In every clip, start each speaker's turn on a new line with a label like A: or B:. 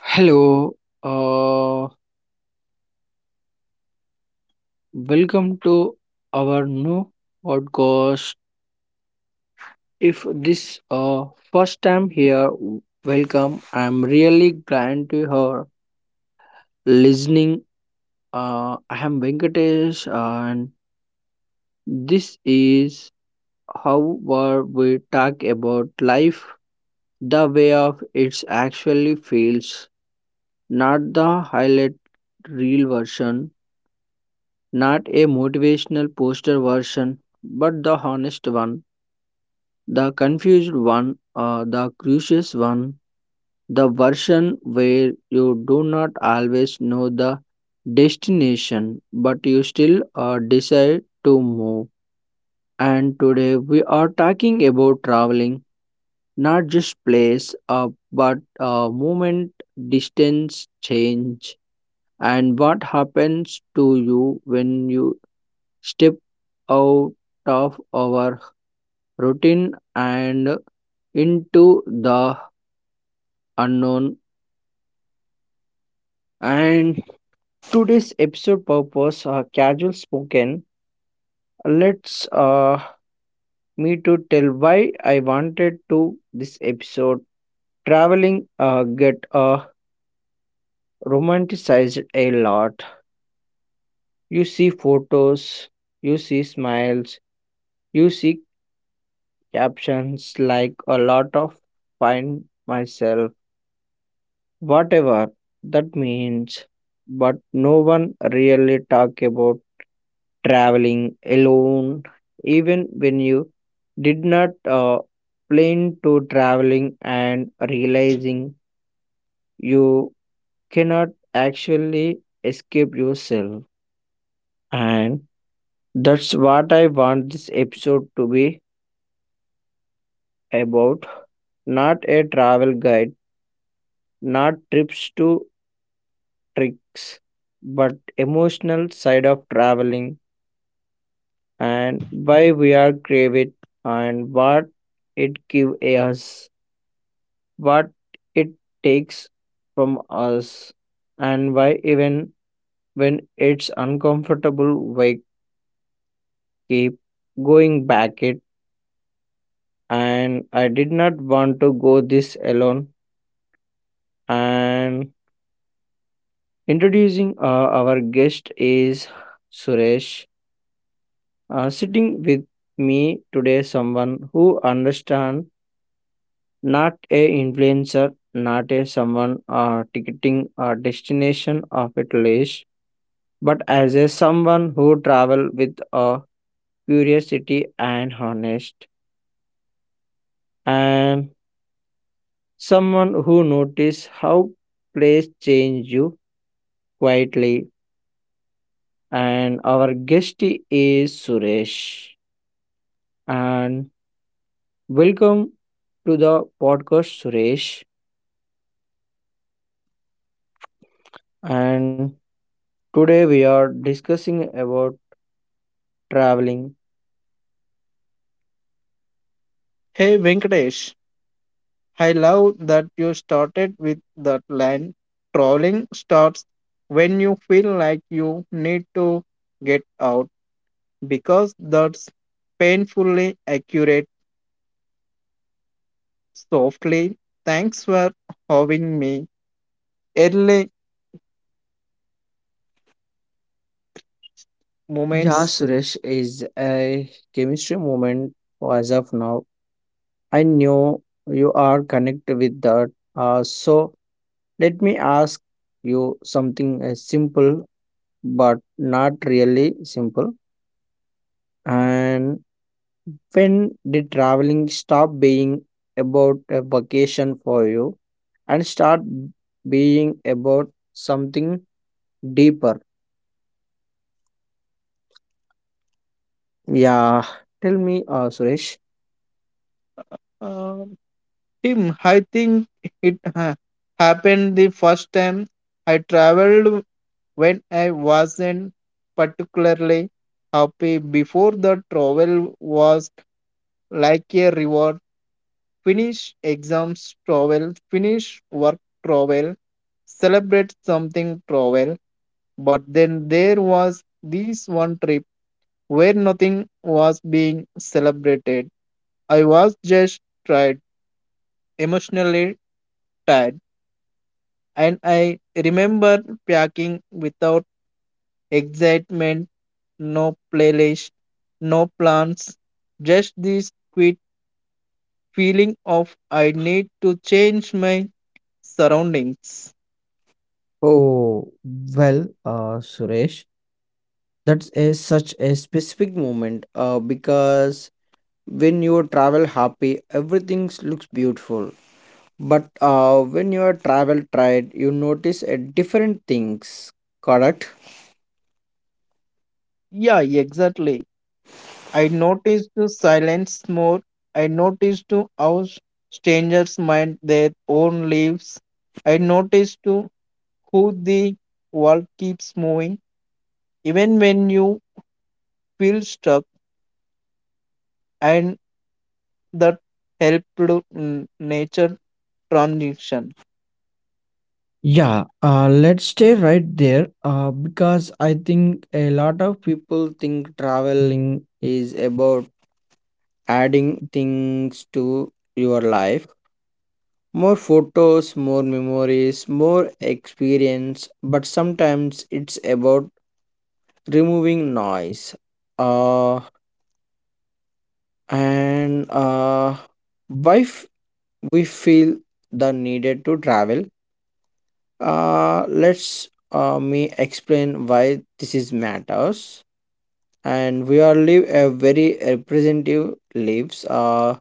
A: Hello, uh, welcome to our new podcast. If this uh first time here, welcome. I'm really glad to hear listening. I am Venkatesh, and this is how where we talk about life the way of it actually feels, not the highlight real version. Not a motivational poster version, but the honest one, the confused one, the curious one, the version where you do not always know the destination, but you still decide to move. And today we are talking about traveling, not just place, but movement, distance, change, and what happens to you when you step out of our routine and into the unknown. And today's episode purpose casual spoken. Let's me to tell why I wanted to this episode. Traveling get romanticized a lot. You see photos, you see smiles, you see captions like a lot of find myself, whatever that means, but no one really talk about traveling alone, even when you did not uh, plan to traveling and realizing you cannot actually escape yourself. And that's what I want this episode to be about. Not a travel guide, not trips to tricks, but emotional side of traveling and why we are crave it and what it give us, what it takes from us, and why even when it's uncomfortable we keep going back it. And I did not want to go this alone. And introducing our guest is Suresh, sitting with me today, someone who understands, not a influencer, not a someone ticketing a destination of a list, but as a someone who travel with a curiosity and honest, and someone who notice how place change you quietly. And our guest is Suresh. And welcome to the podcast, Suresh. And today we are discussing about traveling.
B: Hey Venkatesh, I love that you started with that line. Trolling starts when you feel like you need to get out because that's painfully accurate. Softly, thanks for having me. Early
A: Yeah,
B: moments,
A: Suresh is a chemistry moment as of now. I know you are connected with that. So let me ask you something simple, but not really simple. And when did traveling stop being about a vacation for you and start being about something deeper? Yeah, tell me, Suresh.
B: uh, him. I think it ha- happened the first time I traveled when I wasn't particularly happy before the travel was like a reward. Finish exams travel, finish work travel, celebrate something travel. But then there was this one trip where nothing was being celebrated. I was just tired, emotionally tired, and I remember packing without excitement no playlist, no plans, just this quick feeling of I need to change my surroundings.
A: Oh, well, Suresh. That is such a specific moment because when you travel happy, everything looks beautiful. But when you are travel tired, you notice a different things, correct?
B: Yeah, exactly. I noticed the silence more. I noticed to how strangers mind their own lives. I noticed to who the world keeps moving, even when you feel stuck, and that helped to, nature transition.
A: Yeah, let's stay right there because I think a lot of people think traveling is about adding things to your life. More photos, more memories, more experience, but sometimes it's about removing noise, uh, and why we feel the needed to travel. Uh, let's me explain why this is matters. And we are live a very representative lives,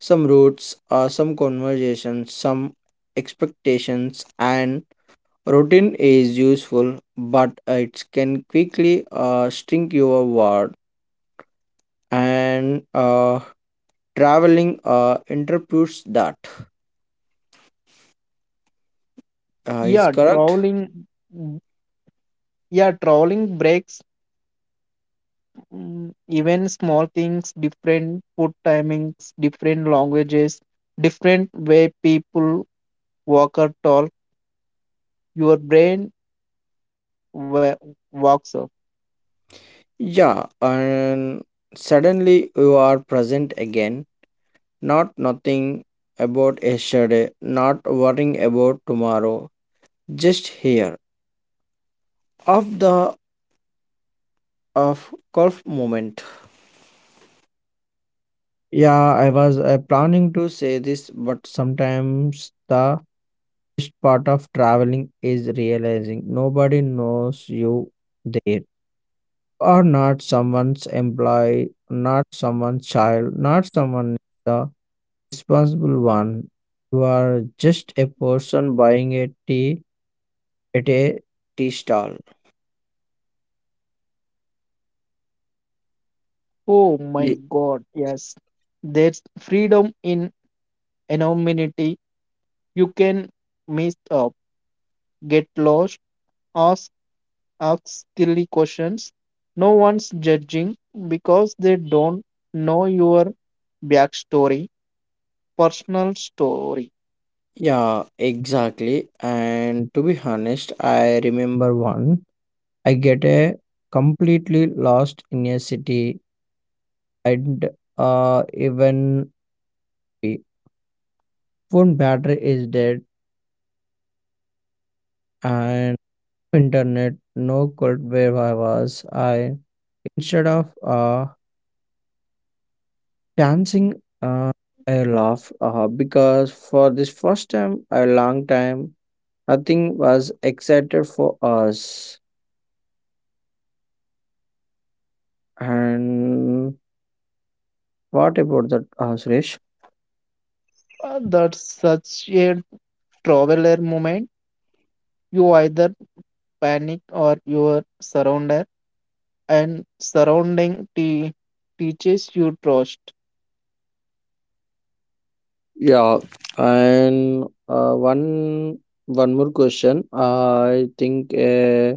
A: some roots, some conversations, some expectations, and routine is useful, but it can quickly string your word. And traveling interprets that, is
B: Yeah,
A: correct.
B: traveling Yeah, trolling breaks mm, even small things, different food timings, different languages, different way people walk or talk. Your brain wa- walks up.
A: Yeah, and suddenly you are present again, not nothing about yesterday, not worrying about tomorrow, just here of the of golf moment. Yeah, I was planning to say this, but sometimes the best part of traveling is realizing nobody knows you there. Or not someone's employee, not someone's child, not someone the responsible one. You are just a person buying a tea at a tea stall.
B: Oh my
A: Ye-
B: God, yes. There's freedom in anonymity. You can mess up, get lost, ask, ask silly questions. No one's judging because they don't know your backstory, personal story
A: Yeah, exactly. And to be honest, I remember one. I get a completely lost in a city, and even the phone battery is dead, and internet, no cold where I was. I instead of dancing, uh, I laugh because for this first time a long time nothing was excited for us. And what about that, Suresh?
B: That's such a traveler moment. You either panic or your surrounder and teaches you trust.
A: Yeah, and one more question, I think a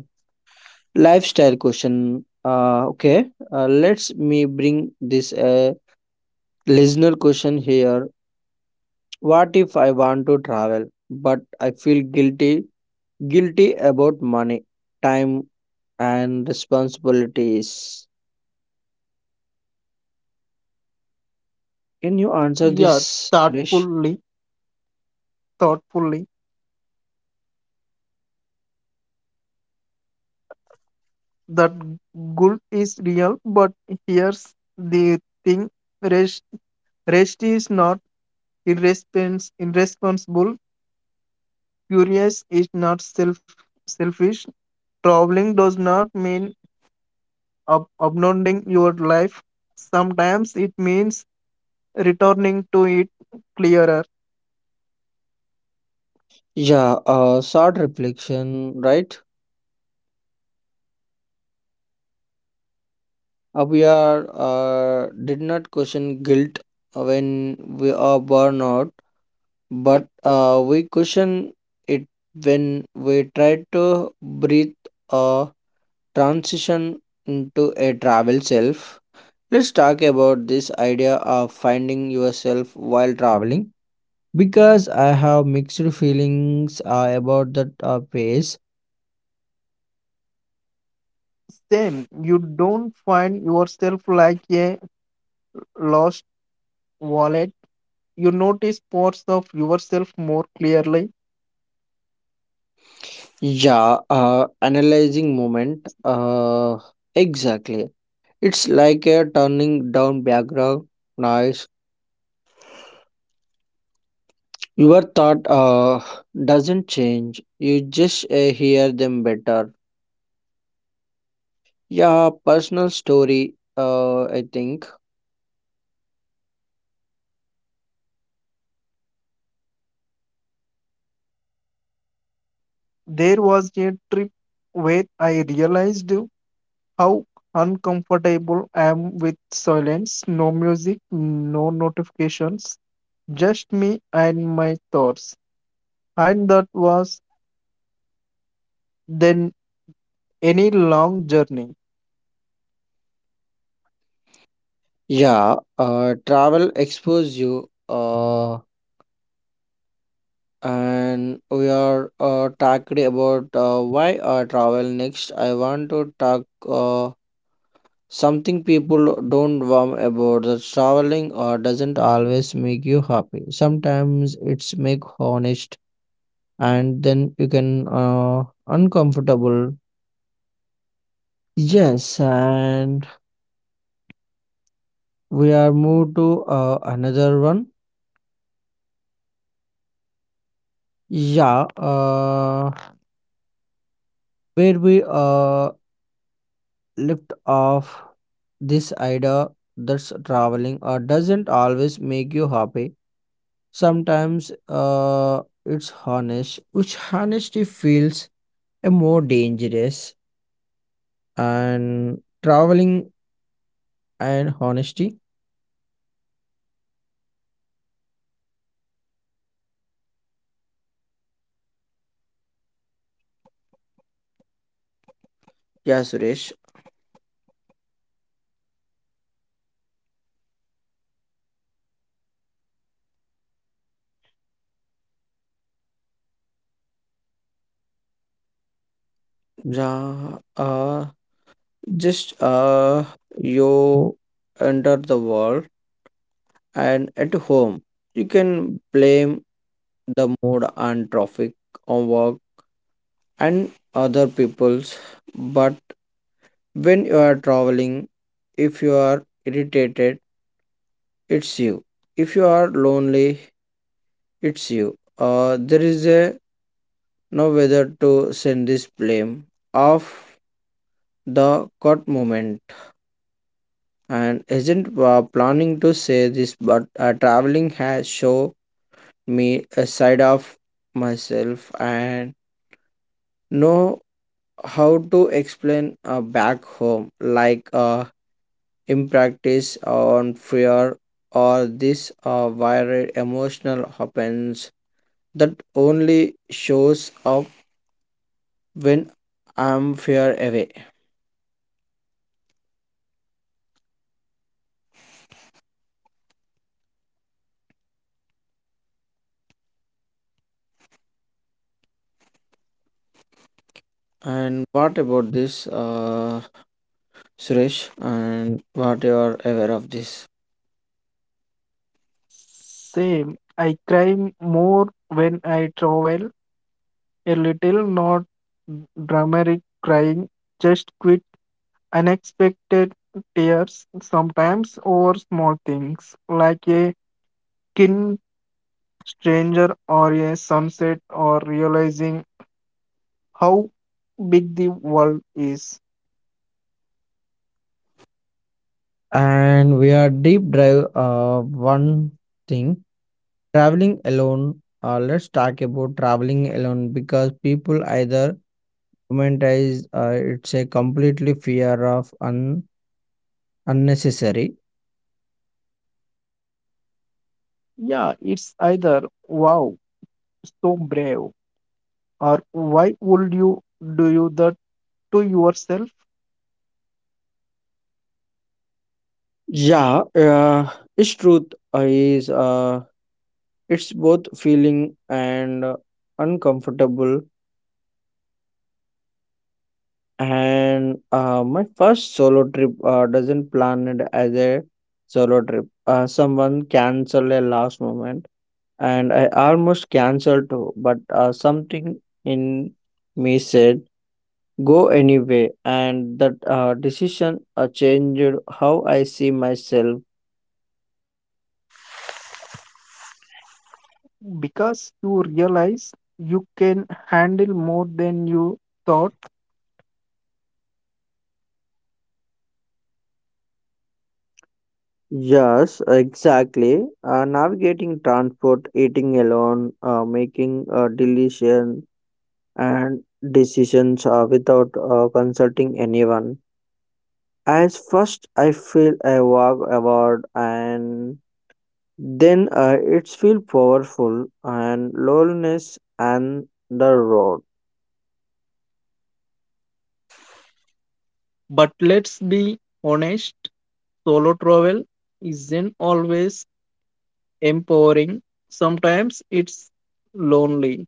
A: lifestyle question. Uh, okay let's me bring this listener question here. What if I want to travel, but I feel guilty, guilty about money, time, and responsibilities? Can you answer
B: Yeah,
A: this, Suresh?
B: thoughtfully, thoughtfully. That good is real, but here's the thing: rest, rest is not irresponsible. Curious is not self selfish. Traveling does not mean uploading your life. Sometimes it means returning to it clearer.
A: Yeah, short reflection, right? We are did not question guilt when we are born out, but we question it when we try to breathe a transition into a travel self. Let's talk about this idea of finding yourself while traveling because I have mixed feelings about that phase.
B: Same, you don't find yourself like a lost wallet. You notice parts of yourself more clearly.
A: Yeah, analyzing moment. Exactly. It's like a turning down background noise. Your thought doesn't change, you just hear them better. Yeah, personal story, I think.
B: There was a trip where I realized how uncomfortable I am with silence, no music, no notifications, just me and my thoughts. And that was then any long journey.
A: Yeah, travel expose you. And we are talked about why travel. Next I want to talk something people don't warm about, that traveling doesn't always make you happy, sometimes it's make honest, and then you can uncomfortable. Yes, and we are moved to another one. Yeah, where we lift off this idea that's traveling doesn't always make you happy. Sometimes it's honest, which honesty feels a more dangerous. And traveling and honesty, yeah, Suresh. Ja, just you enter the world. And at home you can blame the mood and traffic on work and other people's, but when you are traveling, if you are irritated, it's you. If you are lonely, it's you. There is a no whether to send this blame of the cut moment. And isn't planning to say this, but traveling has shown me a side of myself and know how to explain back home, like impractice on fear or this viral emotional happens that only shows up when I'm fear away. And what about this, Suresh? And what you are aware of this?
B: Same. I cry more when I travel. A little, not dramatic crying, just quick, unexpected tears, sometimes over small things like a kin stranger or a sunset or realizing how big the world is.
A: And we are deep drive one thing, traveling alone. Let's talk about traveling alone because people either romanticize it's a completely fear of unnecessary.
B: Yeah, it's either wow, so brave, or why would you do you that to yourself?
A: Yeah, its truth is it's both feeling and uncomfortable. And my first solo trip doesn't plan it as a solo trip. Someone canceled a last moment, and I almost canceled too. But something in me said go anyway, and that decision changed how I see myself.
B: Because you realize you can handle more than you thought.
A: Yes, exactly. Navigating transport, eating alone, making a decision and decisions without consulting anyone. As first, I feel I walk about, and then it's feel powerful and loneliness and the road.
B: But let's be honest, solo travel isn't always empowering. Sometimes it's lonely.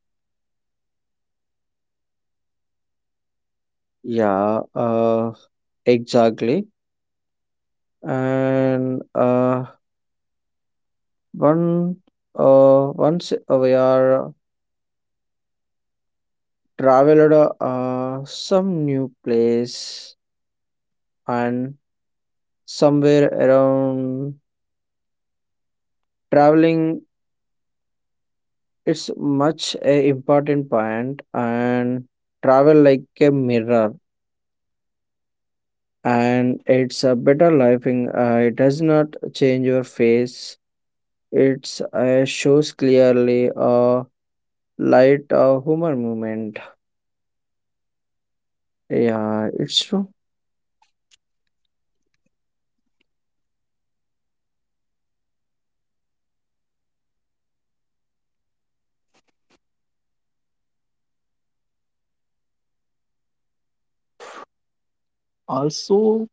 A: Yeah. Exactly. And one once we are traveled some new place and somewhere around traveling, it's much a important point. And travel like a mirror, and it's a better life in, it does not change your face, it's shows clearly a light, humor movement. Yeah, it's true.
B: Also,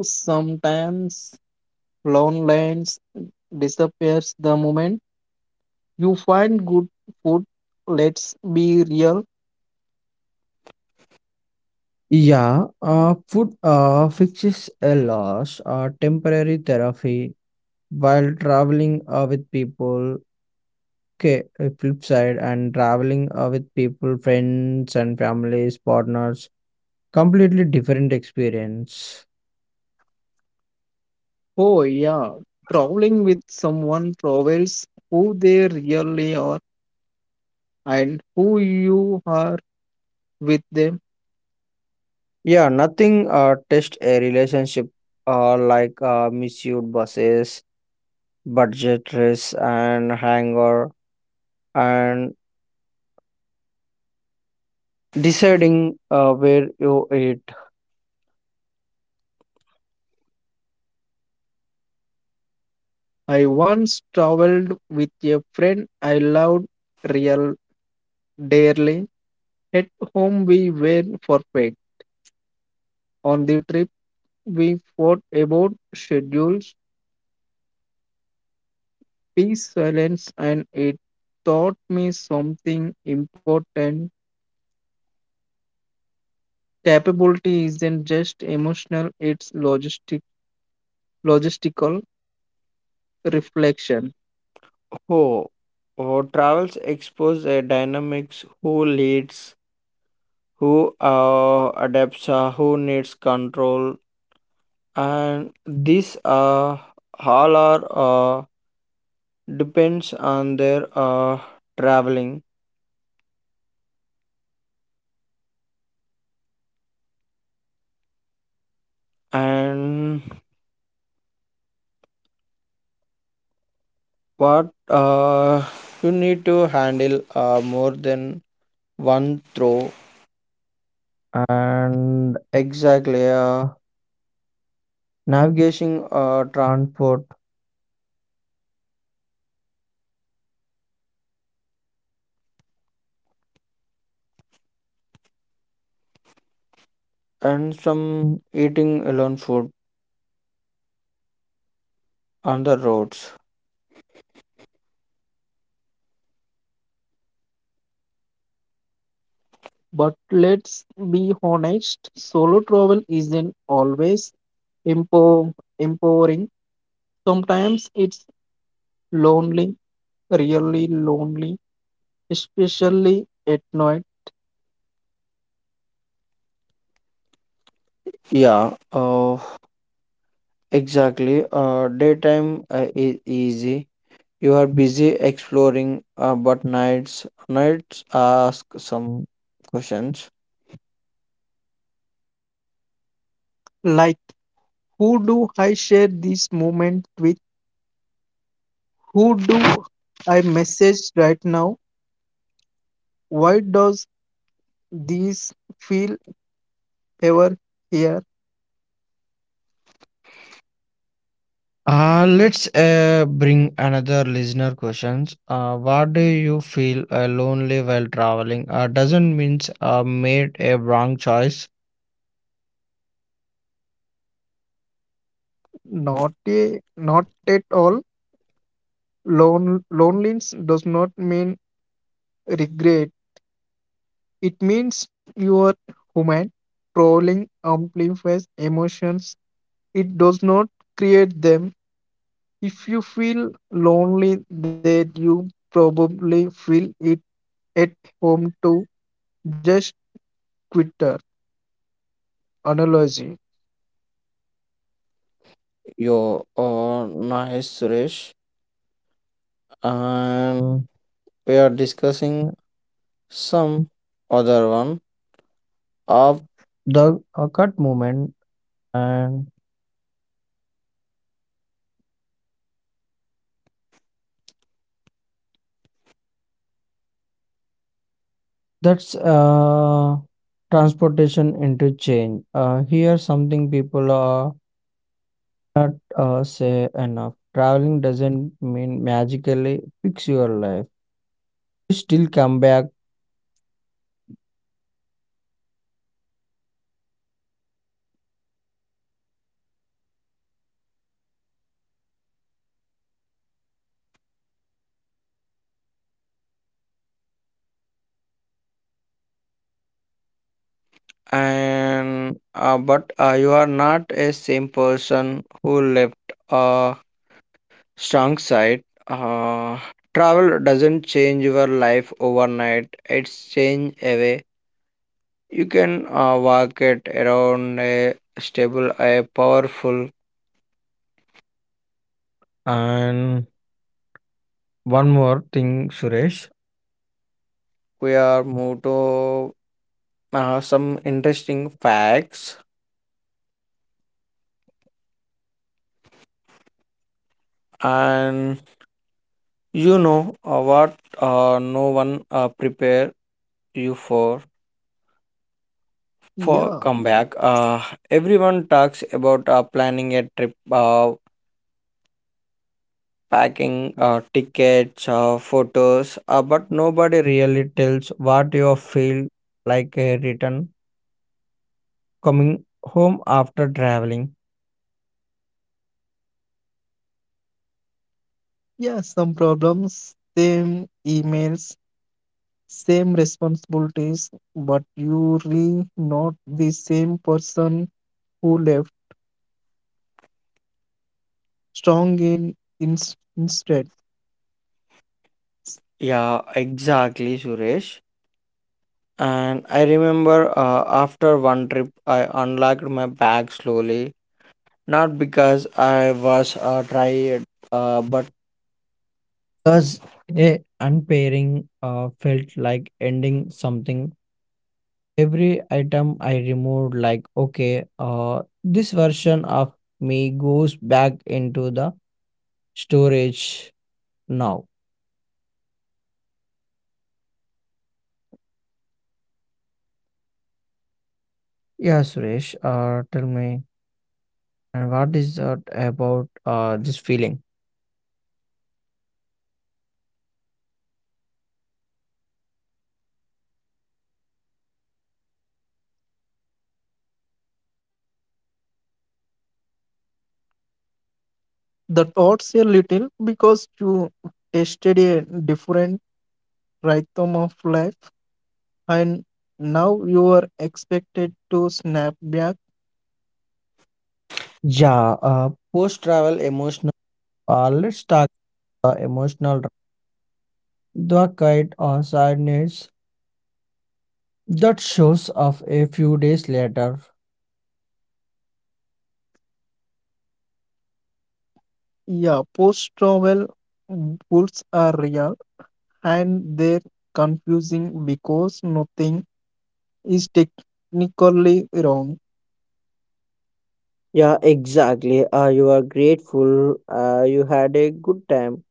B: sometimes loneliness disappears the moment you find good food. Let's be real.
A: Yeah, food fixes a loss, temporary therapy while traveling with people. Okay, flip side, and traveling with people, friends and families, partners, completely different experience.
B: Oh, yeah. Traveling with someone travels who they really are and who you are with them.
A: Yeah, nothing test a relationship like misused buses, budget dress and hangar, and deciding where you eat.
B: I once traveled with a friend I loved real dearly. At home we were perfect. On the trip we fought about schedules, peace, silence, and it taught me something important. Capability isn't just emotional, it's logistical reflection.
A: Oh, oh, travels expose a dynamics, who leads, who adapts, who needs control, and this all are depends on their traveling. And what you need to handle more than one throw. And exactly, navigation, transport, and some eating alone food on the roads.
B: But let's be honest, solo travel isn't always empo- empowering. Sometimes it's lonely, really lonely, especially at night.
A: Yeah, exactly. Daytime is easy. You are busy exploring, but nights ask some questions.
B: Like, who do I share this moment with? Who do I message right now? Why does this feel ever here?
A: Let's bring another listener questions. What do you feel lonely while traveling? Doesn't means made a wrong choice.
B: Not at all. Loneliness does not mean regret. It means you are human. Trolling amplifies emotions. It does not create them. If you feel lonely, then you probably feel it at home too. Just Twitter analogy.
A: Yo, nice Suresh, and we are discussing some other one of the cut moment. And that's transportation interchange. Here, something people are not say enough. Traveling doesn't mean magically fix your life. You still come back. And but you are not a same person who left a strong side. uh, Travel doesn't change your life overnight, it's change away you can walk it around a stable, a powerful. And one more thing, Suresh. We are moved to some interesting facts. And you know what, no one prepare you for
B: Yeah,
A: comeback. Everyone talks about planning a trip, packing, tickets, photos, but nobody really tells what you feel like a return coming home after traveling.
B: yeah, some problems, same emails, same responsibilities, but you really not the same person who left strong in instead.
A: Yeah, exactly, Suresh. And I remember after one trip, I unlocked my bag slowly. Not because I was tired, but because a unpairing felt like ending something. Every item I removed, like, okay, this version of me goes back into the storage now. Yeah, Suresh, tell me. And what is that about this feeling?
B: That odds a little because you tested a different rhythm of life and now you are expected to snap back.
A: Yeah, post travel emotional. Let's talk the emotional the kind of sadness that shows up a few days later.
B: Yeah, post travel goals are real and they're confusing because nothing is technically wrong.
A: Yeah, exactly. You are grateful. You had a good time.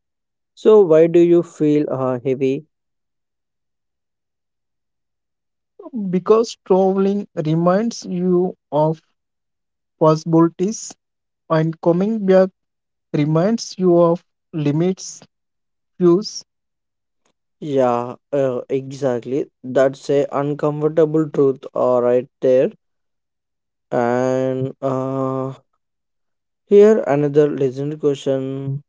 A: So why do you feel heavy?
B: Because traveling reminds you of possibilities and coming back reminds you of limits, views,
A: Yeah, exactly. That's a uncomfortable truth, right there. And Here another listener question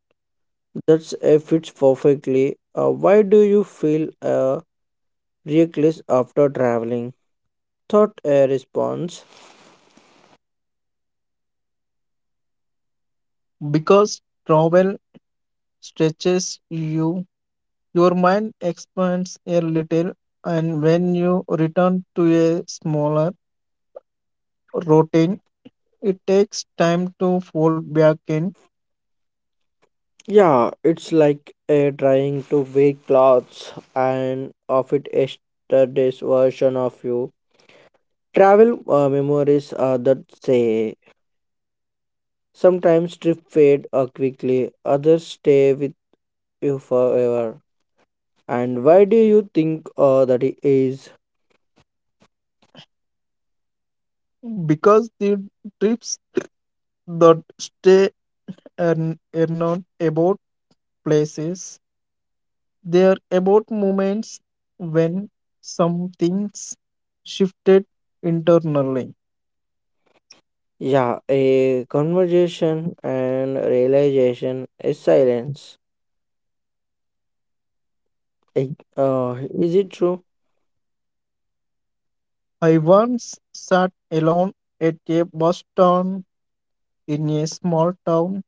A: That's fits perfectly. Why do you feel reckless after traveling? Thought a response.
B: because travel stretches you. Your mind expands a little, and when you return to a smaller routine, it takes time to fold back in
A: Yeah, it's like trying to wear clothes and of it yesterday's version of you. Travel memories are that say sometimes trip fade quickly, others stay with you forever. And why do you think that it is?
B: because the trips that stay and are not about places, they are about moments when something's shifted internally.
A: Yeah, a conversation and realization is silence. Is it true?
B: I once sat alone at a bus stand in a small town,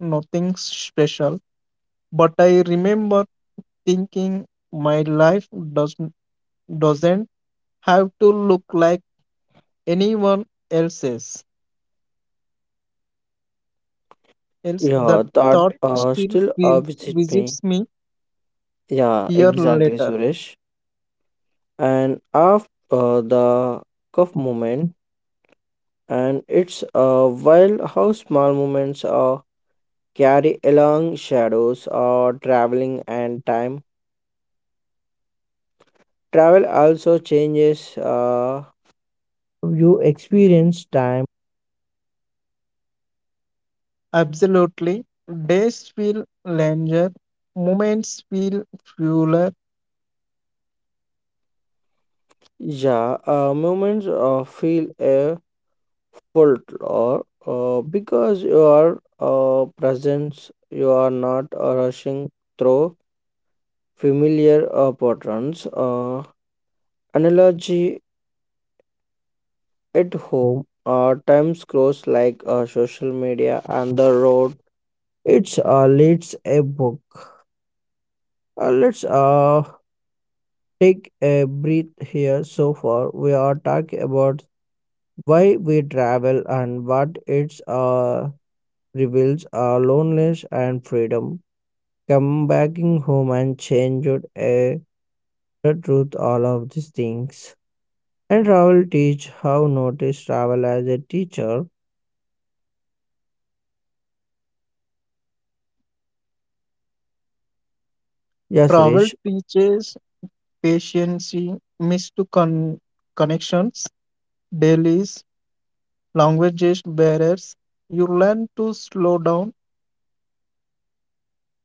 B: nothing special. But I remember thinking my life doesn't doesn't have to look like anyone else's. Else that
A: Yeah, that
B: thought
A: still visit me.
B: visits me
A: Yeah,
B: year
A: exactly,
B: later.
A: Suresh. And after the cuff moment, and it's wild how small moments carry along shadows or traveling and time. Travel also changes you experience time.
B: Absolutely. Days feel longer, moments feel fuller.
A: Yeah, moments feel a folklore because you are presence, you are not rushing through familiar patterns. Analogy at home, time scrolls like social media and the road. It's leads a book. Let's take a breath here. So far, we are talking about why we travel and what it's reveals our loneliness and freedom. Come backing home and change your air, the truth, all of these things. And travel teach how notice travel as a teacher. Yes,
B: Travel
A: Rish.
B: teaches patience, missed con- connections, dailies, languages, barriers. You learn to slow down.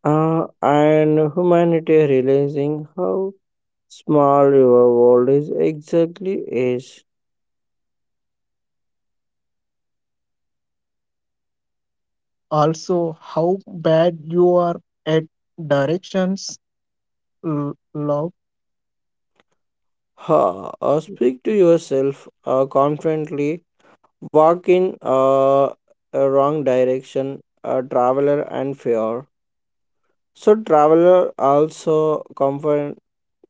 A: And humanity realizing how small your world is exactly is.
B: Also, how bad you are at directions, l- love,
A: Ha! Speak to yourself confidently. Walk in a wrong direction, a traveler and fear. So traveler also comfort,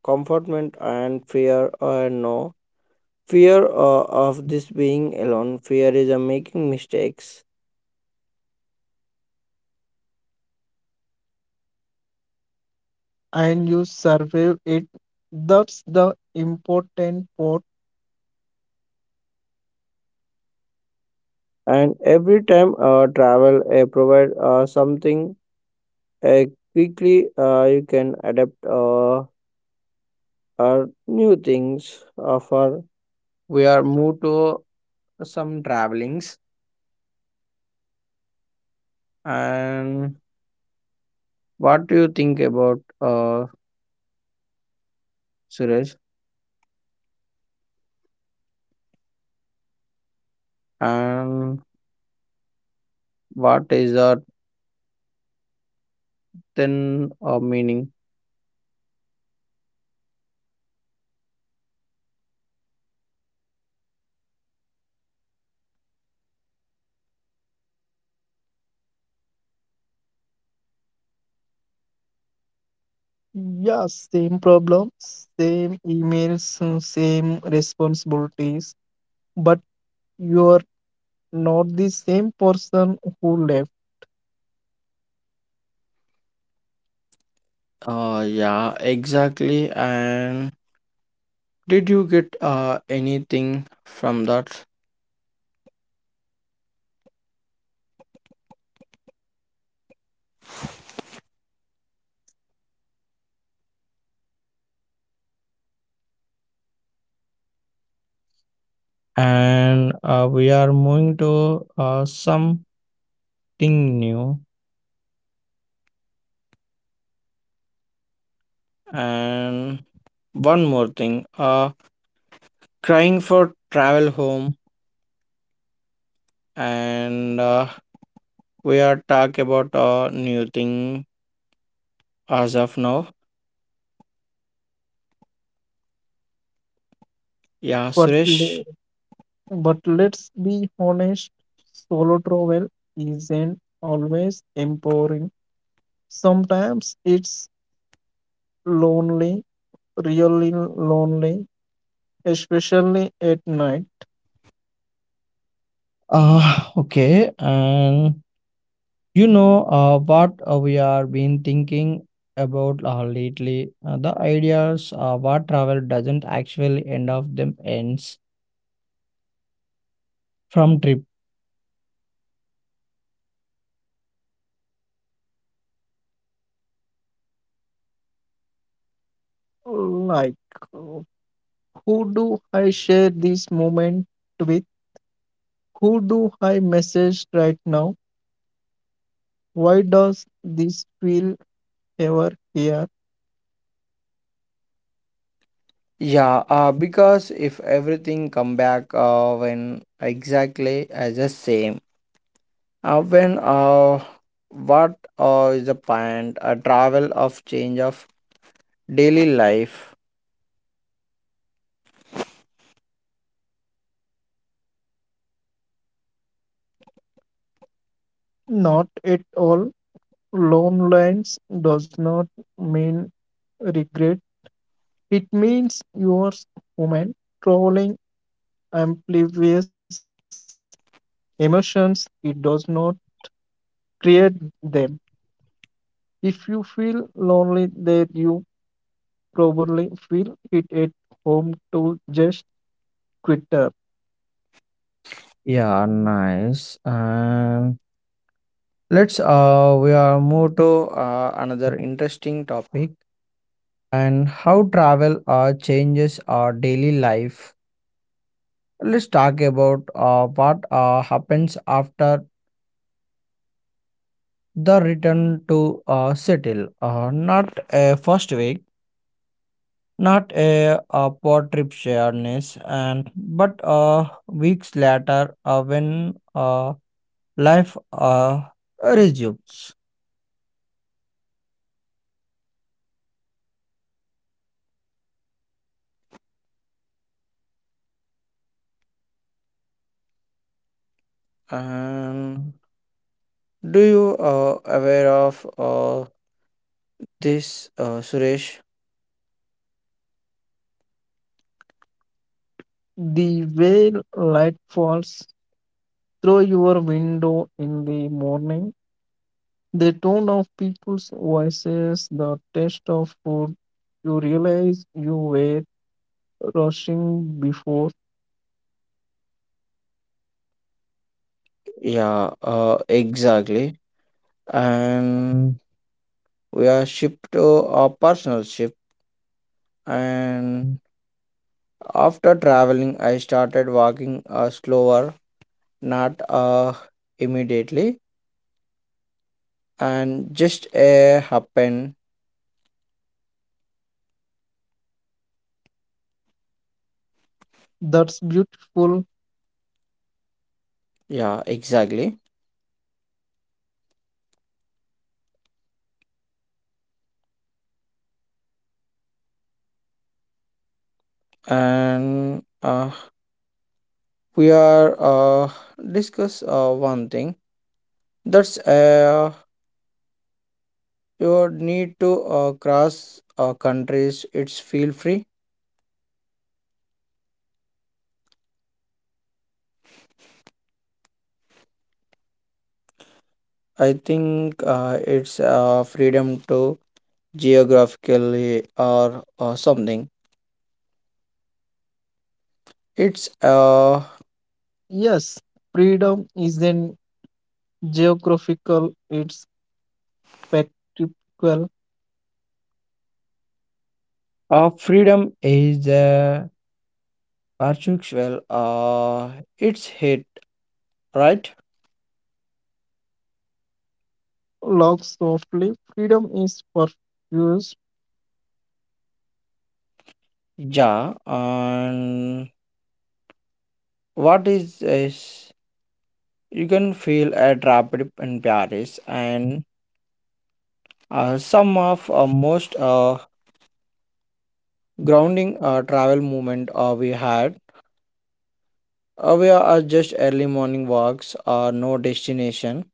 A: comfortment and fear or no fear of this being alone. Fear is a making mistakes,
B: and you survive it. That's the important part.
A: and every time travel provide something uh, quickly you can adapt or new things. For we are moved to some travelings and what do you think about Suresh and what is the than meaning.
B: Yeah, same problem, same emails, same responsibilities, but you're not the same person who left.
A: Yeah, exactly. And did you get anything from that? And we are moving to something new. And one more thing. Crying for travel home, and we are talk about a new thing as of now. Yeah,
B: But,
A: Suresh.
B: le- but let's be honest, solo travel isn't always empowering. Sometimes it's lonely, really lonely, especially at night.
A: Okay, and you know what we are been thinking about lately. The ideas what travel doesn't actually end of them ends from trip.
B: Like, uh, who do I share this moment with? Who do I message right now? Why does this feel ever here?
A: Yeah, because if everything come back when exactly as the same, when what is the point? A travel of change of daily life.
B: Not at all. Loneliness does not mean regret. It means you're human, trolling amplifies emotions. It does not create them. If you feel lonely, that you probably feel it at home to just Twitter.
A: Yeah, nice. And let's we are move to another interesting topic. And how travel changes our daily life. Let's talk about what happens after the return to settle. Not a first week, not a poor trip shareness, and but weeks later when life resumes. And do you aware of this, Suresh?
B: The way light falls through your window in the morning, the tone of people's voices, the taste of food, you realize you were rushing before.
A: Yeah, exactly. And we are shipped to a personal ship and after traveling I started walking slower, not immediately, and just a happen.
B: That's beautiful.
A: Yeah, exactly. And we are discuss one thing that's you need to cross countries it's feel free. I think it's freedom to geographically or something. It's
B: Yes, freedom isn't geographical, it's spectral.
A: freedom is perceptual. It's hit right.
B: Log softly. Freedom is perfused.
A: Yeah, and what is you can feel a drop in Paris and some of most grounding travel movement we had. We are just early morning walks or no destination.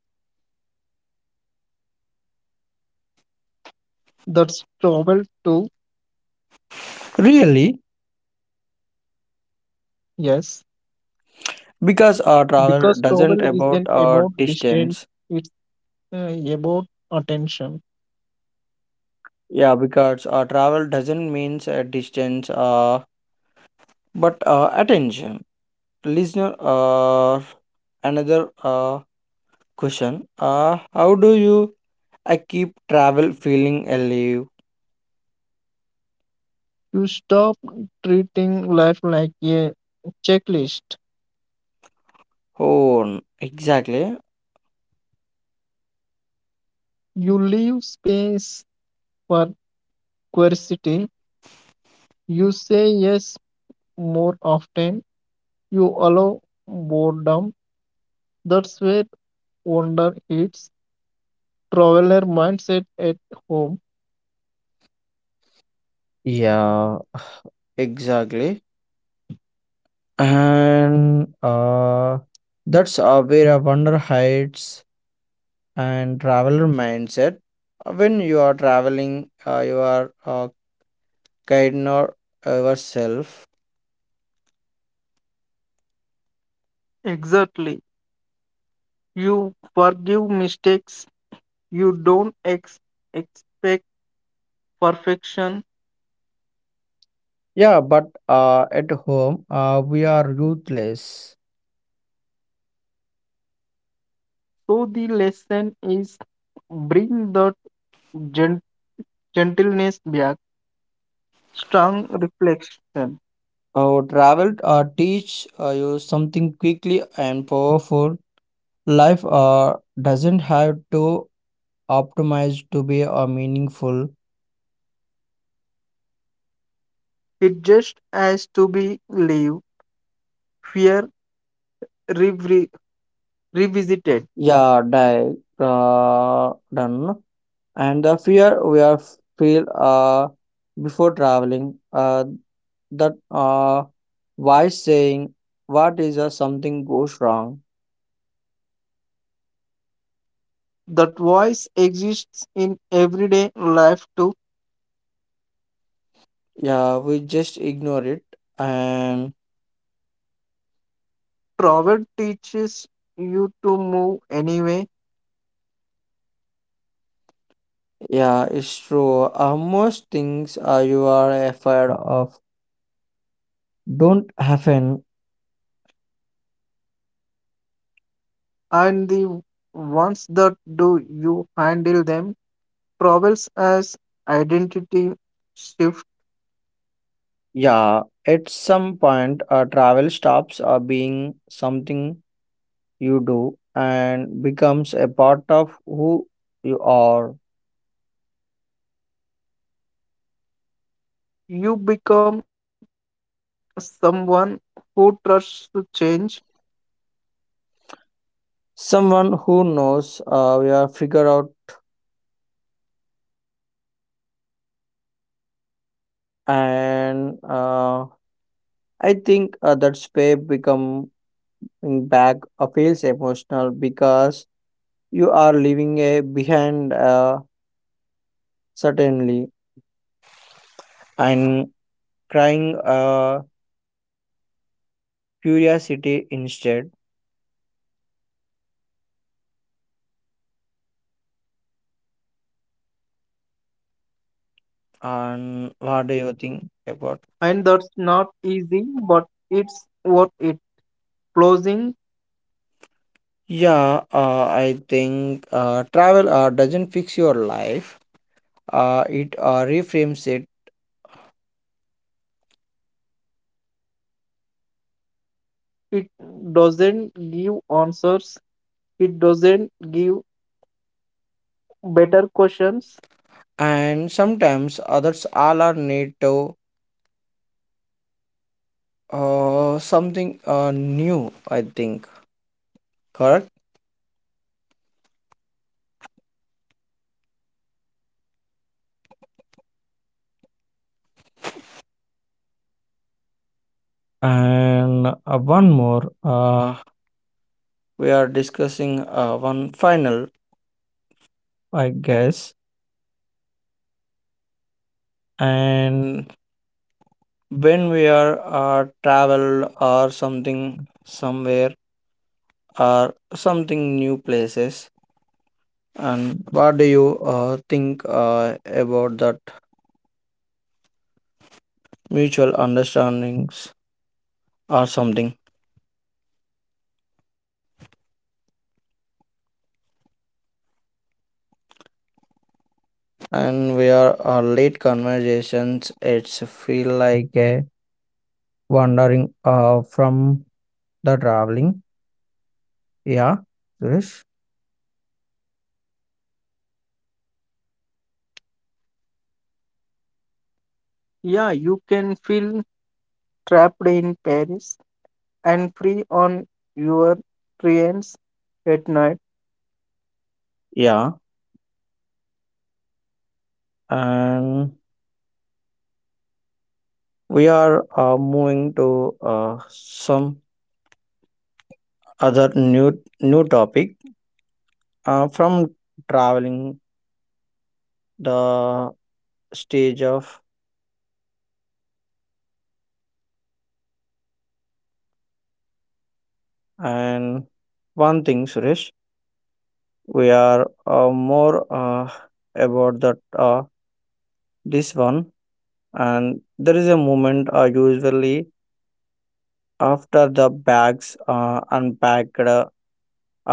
B: That's travel too.
A: Really,
B: Yes,
A: because travel
B: because
A: doesn't
B: travel
A: about
B: isn't about distance,
A: distance.
B: it's about attention.
A: Yeah, because travel doesn't means distance but attention. Listener another question, how do you I keep travel feeling alive?
B: You stop treating life like a checklist.
A: oh n- exactly.
B: You leave space for curiosity. You say yes more often. You allow boredom. That's where wonder hits. Traveler mindset at home.
A: Yeah, exactly, and that's where a wonder hides. And traveler mindset when you are traveling you are kind or yourself.
B: Exactly. You forgive mistakes. You don't expect perfection.
A: Yeah, but at home we are ruthless.
B: So the lesson is bring the gen- gentleness back, strong reflection.
A: Our travel teach you something quickly and powerful. Life doesn't have to optimize to be meaningful.
B: It just has to be live, fear re- revisited.
A: Yeah, die done. And the fear we are feel before traveling that why saying what is something goes wrong.
B: That voice exists in everyday life too.
A: Yeah, we just ignore it. And
B: Proverb teaches you to move anyway,
A: yeah, it's true, most things you are afraid of don't happen.
B: and the ones that do you handle them. Proverbs as identity shift.
A: Yeah, at some point travel stops being something you do and becomes a part of who you are.
B: You become someone who trusts to change,
A: Someone who knows we are figure out. And I think that's where becoming back feels emotional because you are leaving a behind certainly and crying curiosity instead. And what do
B: and
A: you
B: that's
A: think
B: not
A: about?
B: easy, but it's worth it. Closing
A: Yeah, I think travel doesn't fix your life, it reframes it.
B: it doesn't give answers, it doesn't give better questions.
A: And sometimes others all are need to something new, I think. Correct? And one more, we are discussing one final, I guess. And when we are travel or something somewhere or something new places, and what do you think about that mutual understandings or something. And we are late conversations it's feel like a wandering, from the traveling. Yeah, Suresh.
B: Yeah, you can feel trapped in Paris and free on your trains at night.
A: Yeah, and we are moving to some other new topic from traveling the stage of. And one thing, Suresh, we are more about that this one. And there is a moment usually after the bags unpacked. Our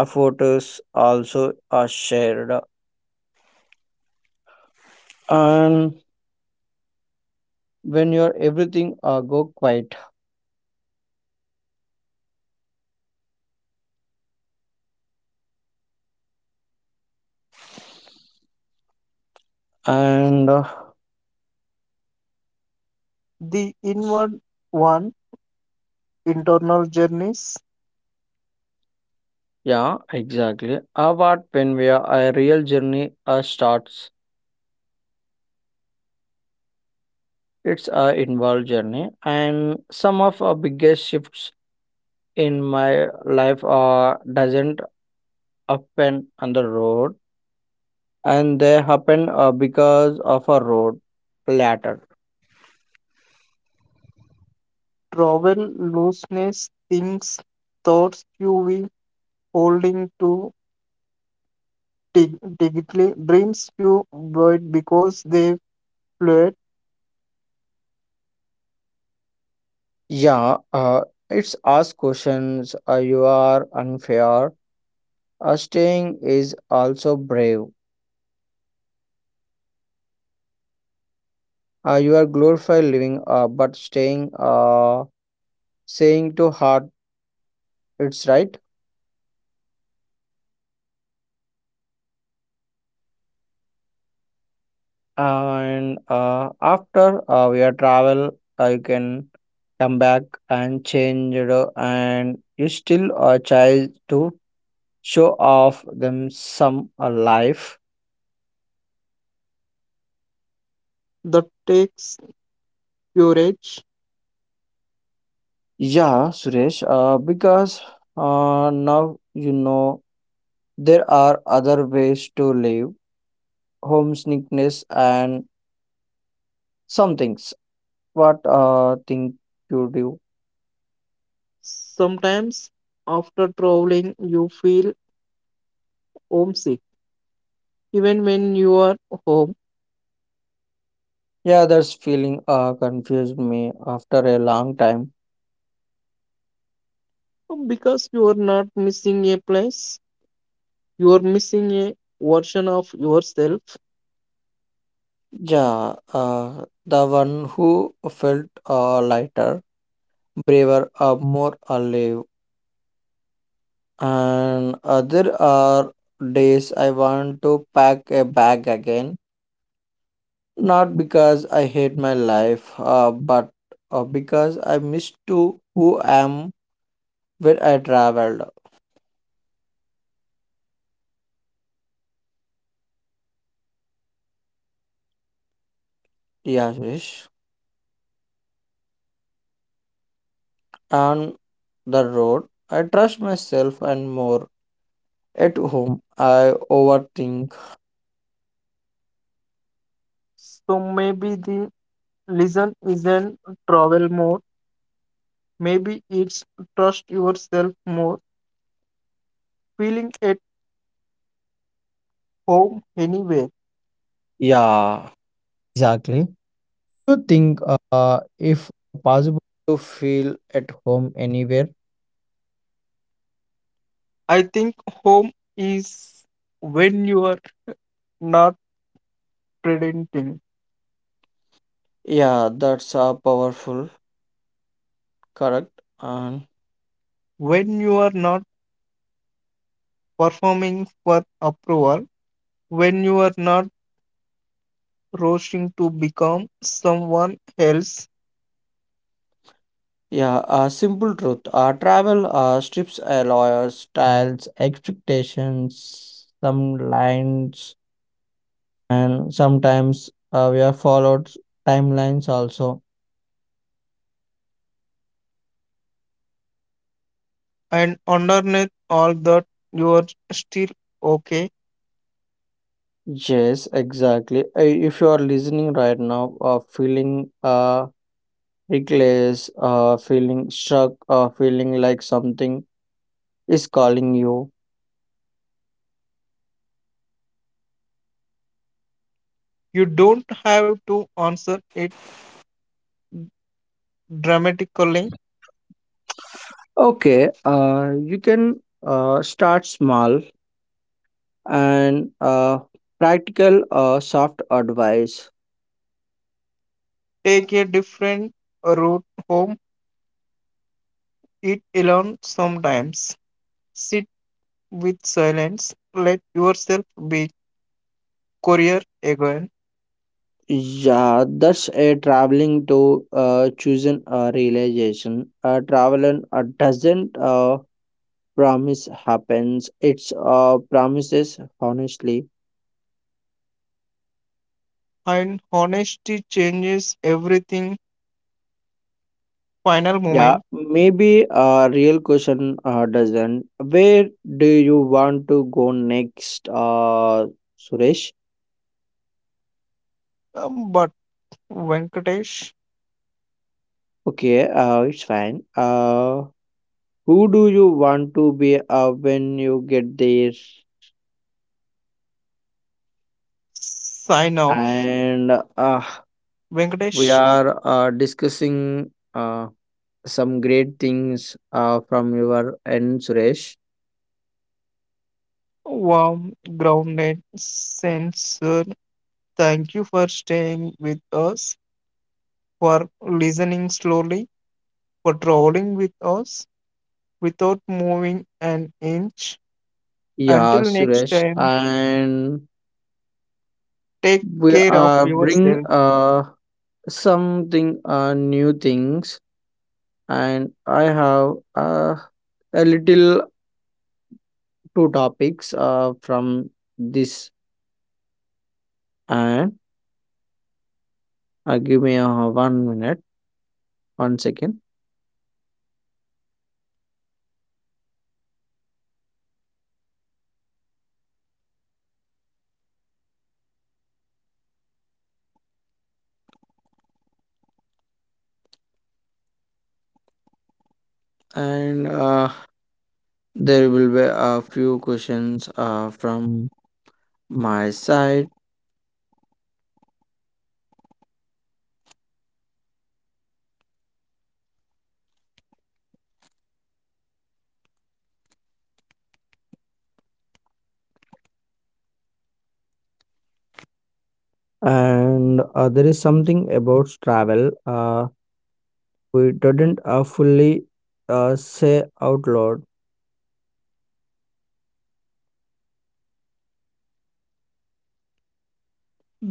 A: photos also are shared. And when you're everything go quiet. And
B: The inward one, internal journeys,
A: yeah, exactly. About when we are a real journey starts, it's a involved journey. And some of our biggest shifts in my life doesn't happen on the road, and they happen because of a road later.
B: travel, looseness, things, thoughts, you will holding to digitally dreams you void because they float
A: Yeah, it's ask questions. You are unfair. Staying is also brave. You are glorified living, but staying, saying to heart, it's right.
B: very
A: And after we are travel, you can come back and change, it. Know, and you still a child to show off them some life.
B: that takes courage.
A: Yeah, Suresh. Because now you know there are other ways to live. Homesickness and some things. What think you do?
B: Sometimes after traveling you feel homesick even when you are home
A: Yeah, that's feeling confused me after a long time.
B: because you are not missing a place, you are missing a version of yourself.
A: Yeah, the one who felt lighter, braver, more alive. And other are days I want to pack a bag again. Not because I hate my life, but because I miss to who I am when I
B: That's honest.
A: traveled. Yeah, Suresh. On the road, I trust myself and more. At home, I overthink.
B: So maybe the listen isn't travel more, maybe it's trust yourself more, feeling a home anyway.
A: Yeah, exactly. You think if possible to feel at home anywhere?
B: I think home is when you are not pretending,
A: Yeah, that's a powerful, correct, and
B: when you are not performing for approval, when you are not rushing to become someone else,
A: yeah, a simple truth. Our travel strips alloys, styles, expectations, some lines, and sometimes we are followed timelines also.
B: and underneath all that, you are still okay.
A: Yes, exactly. If you are listening right now, feeling reckless, feeling struck, feeling like something is calling you,
B: You don't have to answer it dramatically.
A: okay, you can start small and practical, soft advice.
B: Take a different route home. It alone sometimes. Sit with silence. Let yourself be career again,
A: Yeah, that's a traveling to choosing a realization. A traveling doesn't promise happens. It's promises honestly.
B: and honesty changes everything. Final
A: Yeah,
B: moment,
A: maybe a real question doesn't. Where do you want to go next, Suresh?
B: but Venkatesh,
A: Okay, it's fine. Who do you want to be when you get there?
B: sign off.
A: And uh, we
B: Venkatesh,
A: are discussing some great things from your end, Suresh.
B: warm, grounded, sincere. Thank you for staying with us, for listening slowly, for trolling with us without moving an inch.
A: Yeah,
B: Until next
A: Suresh.
B: time,
A: And
B: take
A: we
B: care of
A: bring
B: yourself.
A: something new things, and I have a little two topics from this. And give me 1 minute 1 second and there will be a few questions from my side. And there is something about travel we didn't fully say out loud.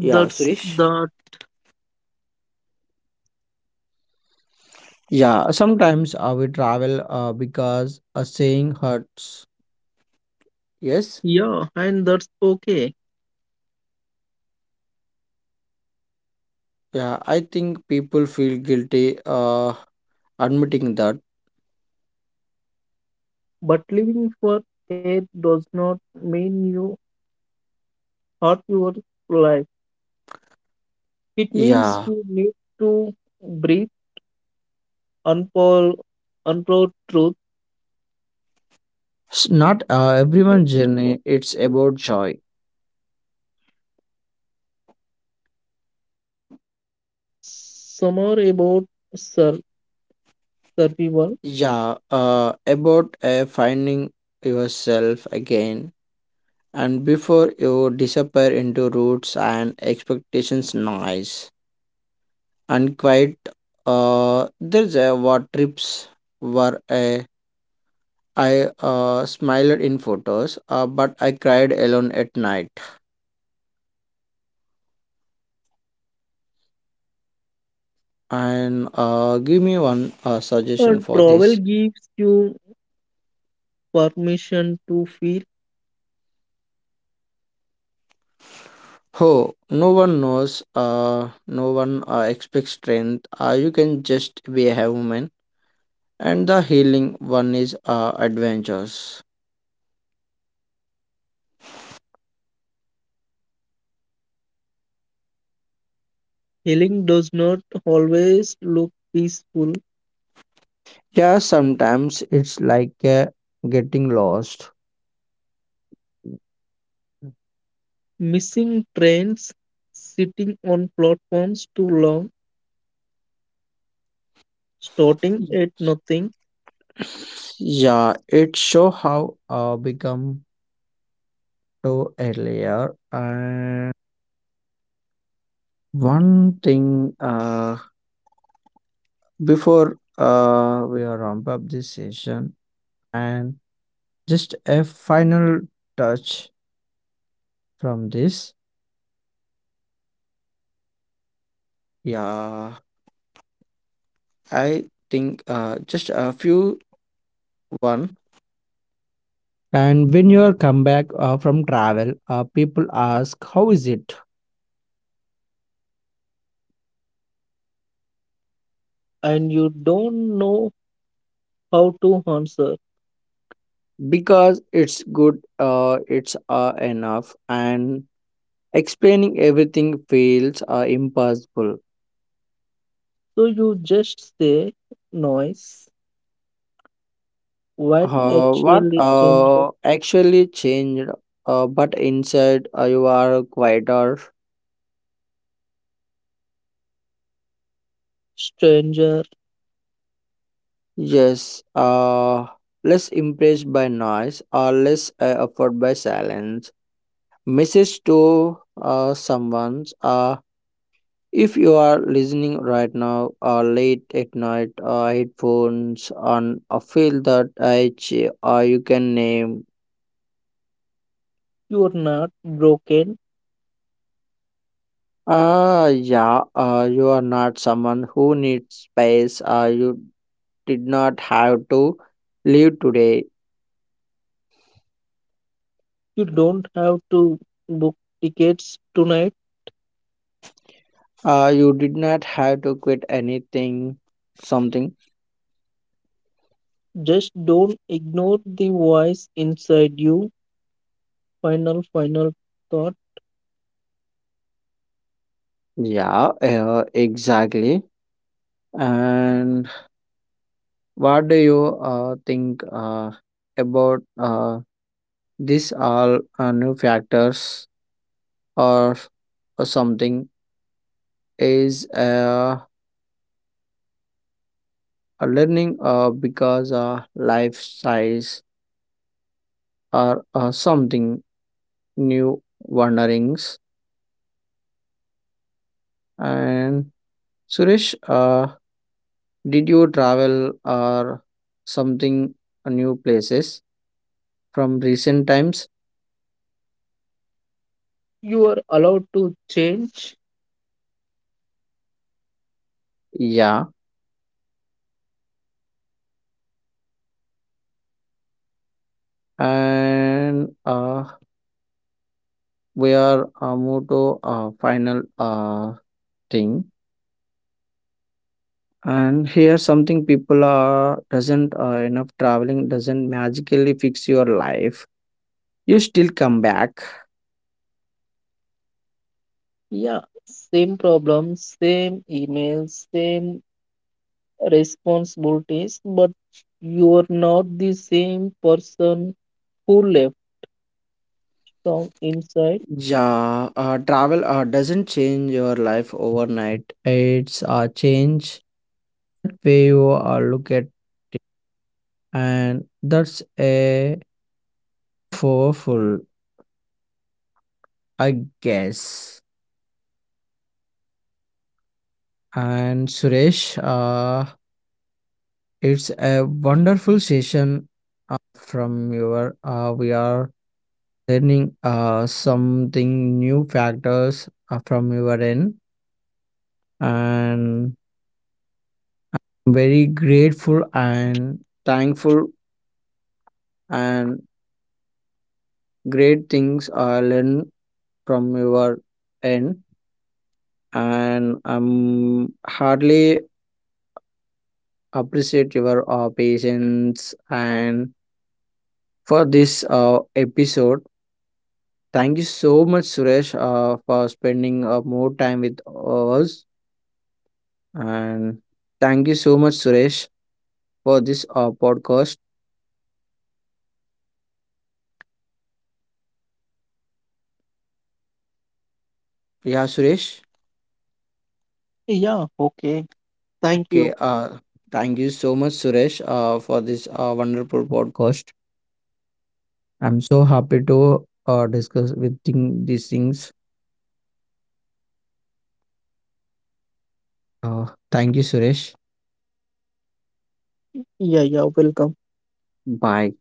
A: Yeah, Suresh.
B: that.
A: Yeah, sometimes we travel because a saying hurts. Yes,
B: Yeah, and that's okay.
A: yeah, I think people feel guilty admitting that.
B: But living for it does not mean you hurt your life. It means
A: Yeah,
B: you need to breathe unfold, unfold truth.
A: Not everyone's journey, it's about joy.
B: Somewhere about sur- survival.
A: Yeah, about finding yourself again, and before you disappear into roots and expectations, noise and quite, there's a what trips were a I smiled in photos, but I cried alone at night. And give me one
B: A
A: suggestion for
B: travel
A: this.
B: gives you permission to feel.
A: Oh, no one knows. No one expects strength. You can just be a woman, and the healing one is adventures.
B: Healing does not always look peaceful.
A: Yeah, sometimes it's like getting lost.
B: Missing trains, sitting on platforms too long, starting at nothing
A: Yeah, it show how become to earlier and. One thing before we are ramp up this session, and just a final touch from this. Yeah, I think just a few one. And when you are come back from travel, people ask how is it?
B: and you don't know how to answer.
A: Because it's good. It's enough, and explaining everything feels impossible.
B: So you just say noise. What actually
A: What
B: changed?
A: actually changed, but inside you are quieter.
B: Stranger,
A: Yes, less impressed by noise or less offered by silence. Message to someone, if you are listening right now late at night, headphones on a feel that you can name.
B: you're not broken.
A: Ah, yeah, you are not someone who needs space. You did not have to leave today.
B: You don't have to book tickets tonight.
A: You did not have to quit anything, something.
B: Just don't ignore the voice inside you. Final, final thought.
A: Yeah, exactly. And what do you think about this all new factors or, or something is a learning because life size or something new wonderings. And Suresh, did you travel or something new places from recent times?
B: You are allowed to change.
A: Yeah, and we are moved to final thing. And here something people are doesn't enough traveling doesn't magically fix your life. You still come back.
B: Yeah, same problem, same email, same responsibilities, but you are not the same person who left from inside.
A: Yeah, travel doesn't change your life overnight. It's a change that way you look at, and that's a four full, I guess. And Suresh, it's a wonderful session from your. We are learning something new factors from your end, and very grateful and thankful and great things are learned from your end, and I'm hardly appreciate your patience and for this episode. Thank you so much, Suresh, for spending more time with us. And thank you so much, Suresh, for this podcast. Yeah, Suresh.
B: Yeah, okay. Thank
A: Okay.
B: you.
A: Thank you so much, Suresh, for this wonderful podcast. I'm so happy to discuss with these things. Uh, Thank you, Suresh.
B: Yeah, yeah, welcome.
A: Bye.